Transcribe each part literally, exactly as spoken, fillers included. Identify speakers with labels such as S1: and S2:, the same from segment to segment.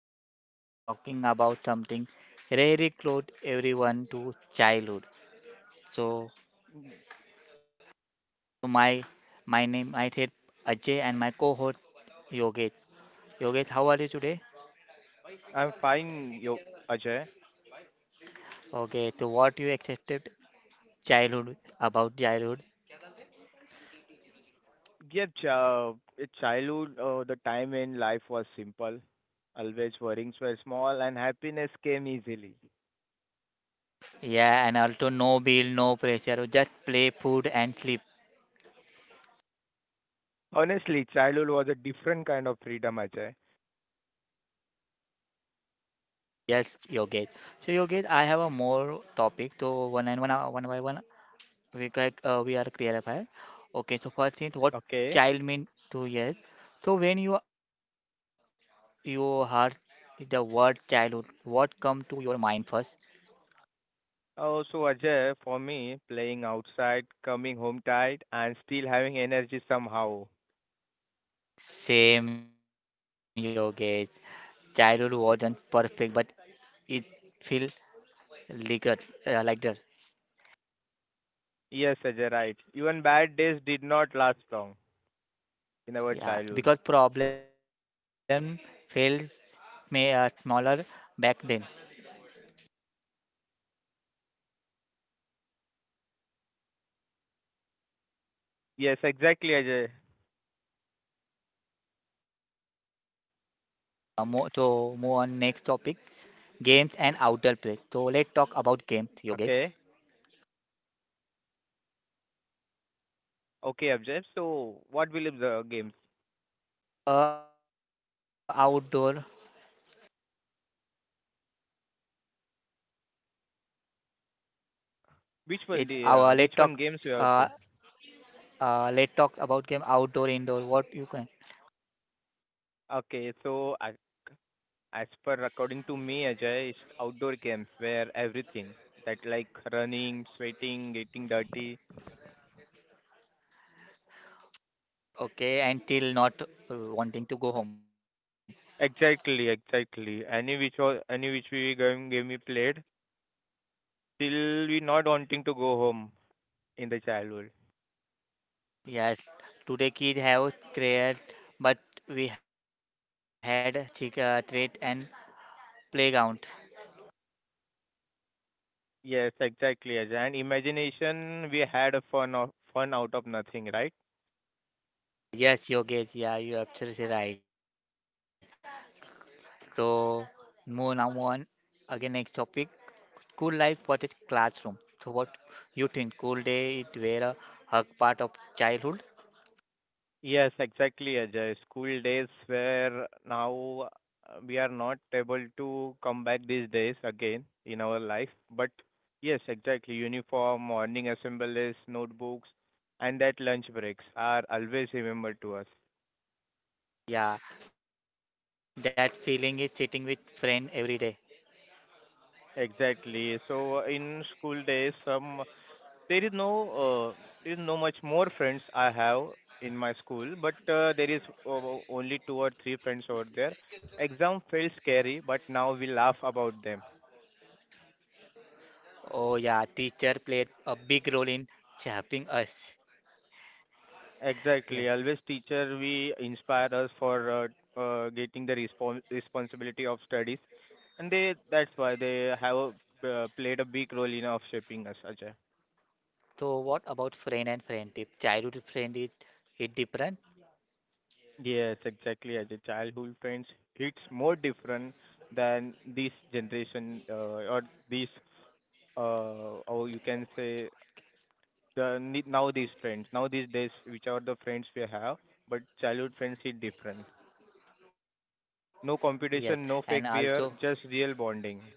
S1: back. Today we are talking about something very close everyone to childhood. So
S2: Mm,
S1: my my name I said Ajay and my co-host Yogesh. Yogesh, how are you today?
S2: I'm fine, yo, Ajay.
S1: Okay, so what you accepted childhood about childhood?
S2: Yeah, uh, childhood, uh, the time in life was simple, always worries were small, and happiness came easily.
S1: Yeah, and also no bill, no pressure, just play, food and sleep.
S2: Honestly, childhood was a different kind of freedom, Ajay.
S1: Yes, Yogesh. So Yogesh, I have a more topic. So one and one, uh, one by one we like uh, we are clarify. Okay, so first thing, what
S2: Okay.
S1: child mean to yes? So when you you heard the word childhood, what come to your mind first?
S2: Uh, so, Ajay, for me, playing outside, coming home tired, and still having energy somehow.
S1: Same yogesh. Childhood wasn't perfect, but it feel ligger uh, like that.
S2: Yes, Ajay, right. Even bad days did not last long in our
S1: Yeah,
S2: childhood.
S1: because problem feels may uh, smaller back then.
S2: Yes, exactly, Ajay.
S1: Uh, mo so move on next topic, games and outdoor play. So let's talk about games, yogesh.
S2: Okay. Okay, Abjad. So, what will be the games?
S1: Uh, outdoor. It's
S2: Which one
S1: our
S2: the
S1: let
S2: uh,
S1: talk.
S2: which one games you
S1: Uh,
S2: have to?
S1: uh, Let talk about game outdoor, indoor. What you can.
S2: Okay, so I, as per according to me, Ajay, it's outdoor games where everything that like running, sweating, getting dirty.
S1: Okay, until not uh, wanting to go home.
S2: Exactly, exactly. Any which was any which we game game we played till we not wanting to go home in the childhood.
S1: Yes, today kids have crayons, but we had chick uh, treat and playground.
S2: Yes, exactly, Ajay. And imagination, we had a fun of fun out of nothing, right?
S1: Yes, Yogesh, yeah, you're absolutely right. So, move now move on again next topic. School life versus classroom. So, what you think? School day it were a hug part of childhood.
S2: Yes, exactly, Ajay. School days where now uh, we are not able to come back these days again in our life. But yes, exactly. Uniform, morning assemblies, notebooks, and that lunch breaks are always remembered to us.
S1: Yeah, that feeling is sitting with friend every day.
S2: Exactly. So in school days, some there is no uh, there is no much more friends I have in my school, but uh, there is uh, only two or three friends over there. Exam felt scary, but now we laugh about them.
S1: Oh yeah, teacher played a big role in shaping us.
S2: Exactly. Always
S1: Yes.
S2: teacher we inspire us for uh, uh, getting the respons- responsibility of studies, and they that's why they have a, uh, played a big role in of shaping us, Ajay.
S1: So what about friend and friendship? Childhood friend is it different?
S2: Yes, exactly. As a childhood friends, it's more different than this generation uh, or this uh, or you can say the ne- now these friends now these days which are the friends we have, but childhood friends is different. No
S1: Yes.
S2: competition, no
S1: And
S2: fake
S1: also
S2: beer, just real bonding.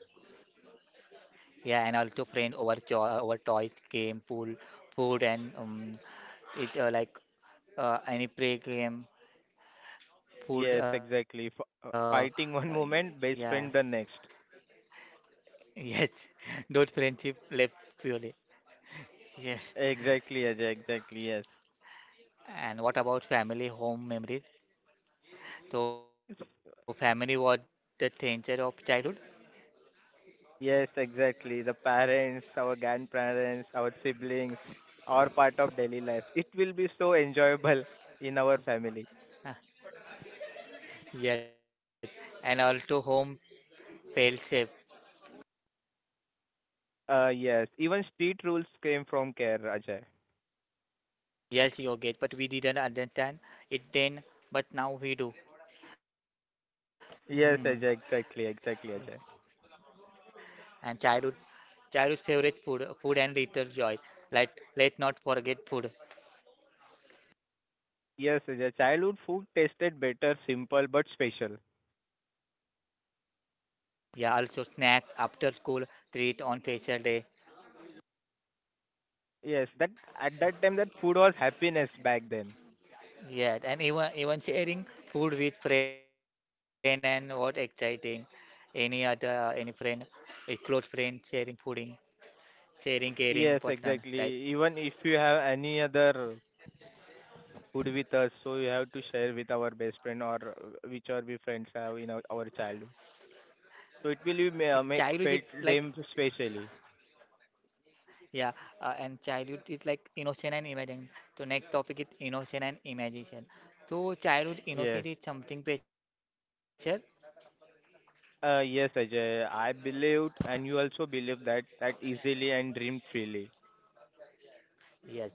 S1: yeah, and also friend over cho uh, over toys, game, pool, food and um it uh, like uh, any play game,
S2: Yes, exactly. F-
S1: food
S2: uh,
S1: uh,
S2: fighting one
S1: uh
S2: moment, best
S1: yeah.
S2: friend the next.
S1: Yes. Those friendship left purely. Yes.
S2: Exactly, Ajay. Exactly. Yes.
S1: And what about family home memories? So family was the center of childhood.
S2: Yes, exactly. The parents, our grandparents, our siblings, are part of daily life. It will be so enjoyable in our family.
S1: Ah, yes, and also home felt safe.
S2: Uh, yes. Even street rules came from care, Ajay.
S1: Yes, Yogesh, but we didn't understand it then, but now we do. Hmm.
S2: Yes, Ajay. Exactly. Exactly, Ajay.
S1: And childhood, childhood favorite food, food and little joy. Like let not forget food.
S2: Yes, Ajay. Childhood food tasted better, simple but special.
S1: Yeah, also snack after school, treat on special day,
S2: Yes, that at that time that food was happiness back then.
S1: yeah, and even even sharing food with friend and what exciting. Any other uh, any friend, a close friend sharing fooding, sharing caring
S2: Yes,
S1: person type.
S2: exactly. Even if you have any other food with us, so you have to share with our best friend or uh, which are we friends have in our, our childhood.
S1: It-
S2: So it
S1: Childhood
S2: will
S1: is
S2: ma-
S1: like
S2: make felt them specially.
S1: yeah, uh, and childhood is like innocent and imagination. So next topic is innocent and imagination. So childhood
S2: Yes.
S1: innocent is something pressure,
S2: Uh, yes, Ajay. I believed, and you also believe that that easily and dreamed freely.
S1: yes,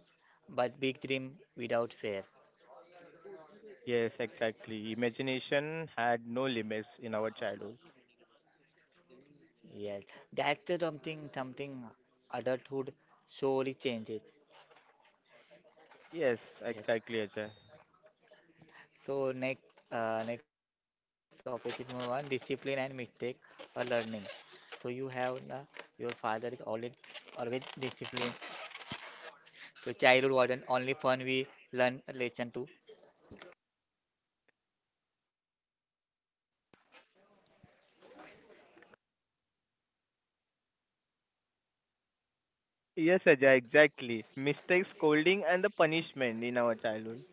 S1: but big dream without fear,
S2: Yes, exactly. Imagination had no limits in our childhood.
S1: yes. That's the something something adulthood slowly changes.
S2: Yes,
S1: Yes.
S2: exactly, Ajay.
S1: So next uh, next topic is number one discipline and mistake or learning. So you have uh, your father is always always disciplined. So childhood wasn't only fun we learn a lesson too.
S2: Yes, Ajay, exactly. Mistakes, scolding, and the punishment in our childhood.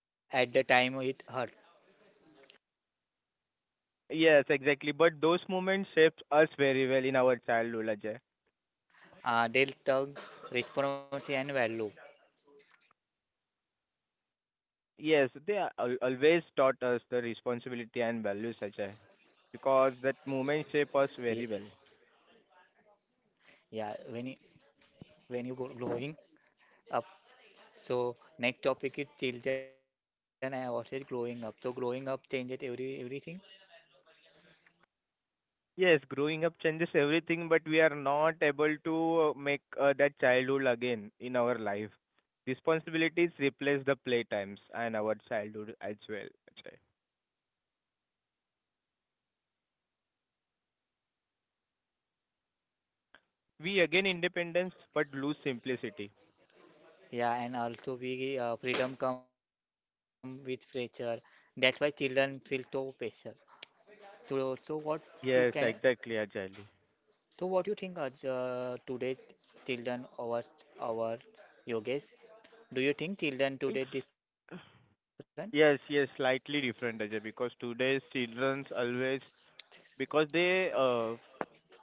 S1: And at the time it hurt.
S2: Yes, exactly. But those moments shaped us very well in our childhood, Ajay.
S1: Uh, they'll tug responsibility and value.
S2: Yes, they are al- always taught us the responsibility and values, Ajay, because that
S1: Ye-
S2: moment shape us very well.
S1: Yeah, when y- when you go growing up. So next topic is children and what is growing up. So growing up changes every everything.
S2: Yes, growing up changes everything, but we are not able to uh, make uh, that childhood again in our life. Responsibilities replace the playtimes and our childhood as well, Ajay. We again independence, but lose simplicity.
S1: Yeah, and also we uh, freedom come with pressure. That's why children feel so pressure. So, so what you can,
S2: Yes, exactly, Ajay.
S1: so what you think are uh, today children over our yogis? Do you think children today
S2: It's
S1: different?
S2: yes, yes, slightly different, Ajay, because today's children's always because they uh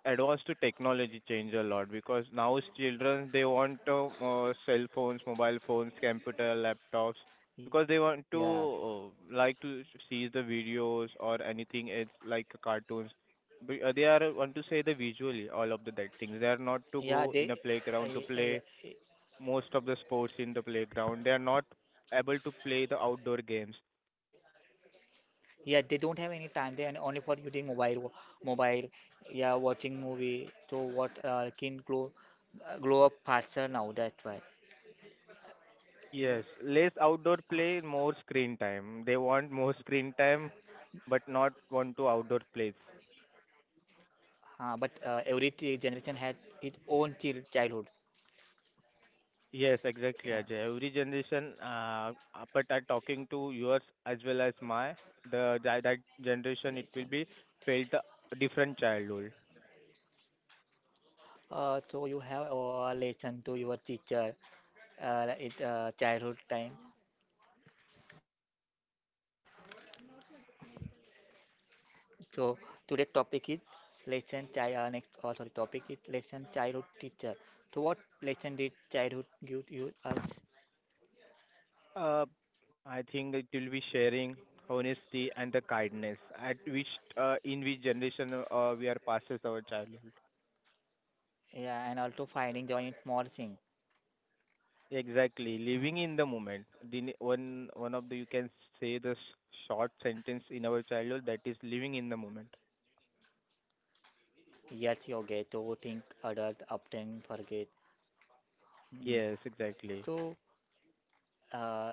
S2: advanced to technology change a lot because now children they want uh, uh, cell phones, mobile phones, computer, laptops
S1: Yeah,
S2: because they want to uh, like to see the videos or anything else like cartoons. But, uh, they are want to say the visually all of the that things. They are not to
S1: yeah, they,
S2: go in a
S1: uh,
S2: playground to
S1: uh, yeah,
S2: play
S1: uh,
S2: most of the sports in the playground. They are not able to play the outdoor games.
S1: yeah, they don't have any time. They and only for using mobile, wo- mobile, yeah, watching movie. So what uh, can grow, uh, grow up faster now. That's why.
S2: Yes,
S1: That-
S2: less outdoor play, more screen time. They want more screen time, but not want to outdoor plays.
S1: Uh, but uh, every t- generation had its own chil- childhood.
S2: Yes,
S1: Yeah,
S2: exactly, Ajay. Every generation, uh, uh, but are talking to yours as well as my the that, that
S1: lesson.
S2: generation, it will be felt a different childhood.
S1: Uh, so you have a lesson to your teacher uh, in uh, childhood time. So today topic is lesson child. Uh, next, uh, sorry, topic is lesson childhood teacher. So what lesson did childhood give you us?
S2: Uh, I think it will be sharing honesty and the kindness at which uh, in which generation uh, we are passes our childhood.
S1: Yeah, and also finding joy in small things.
S2: Exactly, living in the moment. The ne- one one of the you can say the s- short sentence in our childhood that is living in the moment.
S1: Yes, you get to think adult often forget. Mm.
S2: Yes,
S1: So,
S2: exactly.
S1: uh,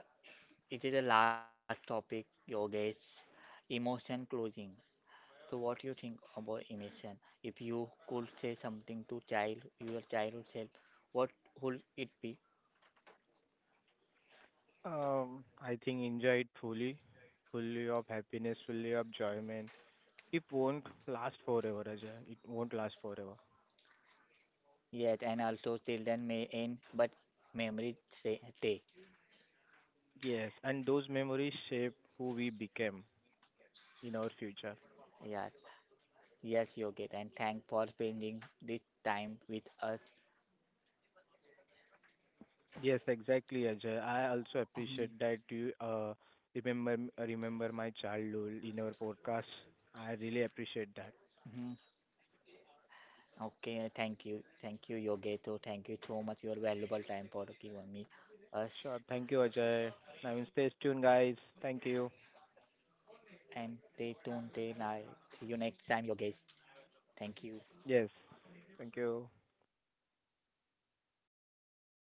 S1: it is a large topic, yogesh, emotion closing. So what you think about emotion? If you could say something to child, your childhood self, what would it be?
S2: Um, I think enjoy it fully, fully of happiness, fully of enjoyment. It won't last forever, Ajay. It won't last forever.
S1: Yes, and also children may end, but memories say take.
S2: Yes, and those memories shape who we became in our
S1: Yes,
S2: future.
S1: yes, yogesh, and thank for spending this time with us.
S2: Yes, exactly, Ajay. I also
S1: Um,
S2: appreciate that you uh, remember remember my childhood in our podcast. I really
S1: Mhm.
S2: appreciate that.
S1: Okay, thank you, thank you, yogesh. So thank you so much your valuable time for giving me us.
S2: Sure. Thank you, Ajay. I mean, stay tuned, guys. Thank you.
S1: And they don't they like See you next time your guys. Thank you.
S2: Yes. Thank you.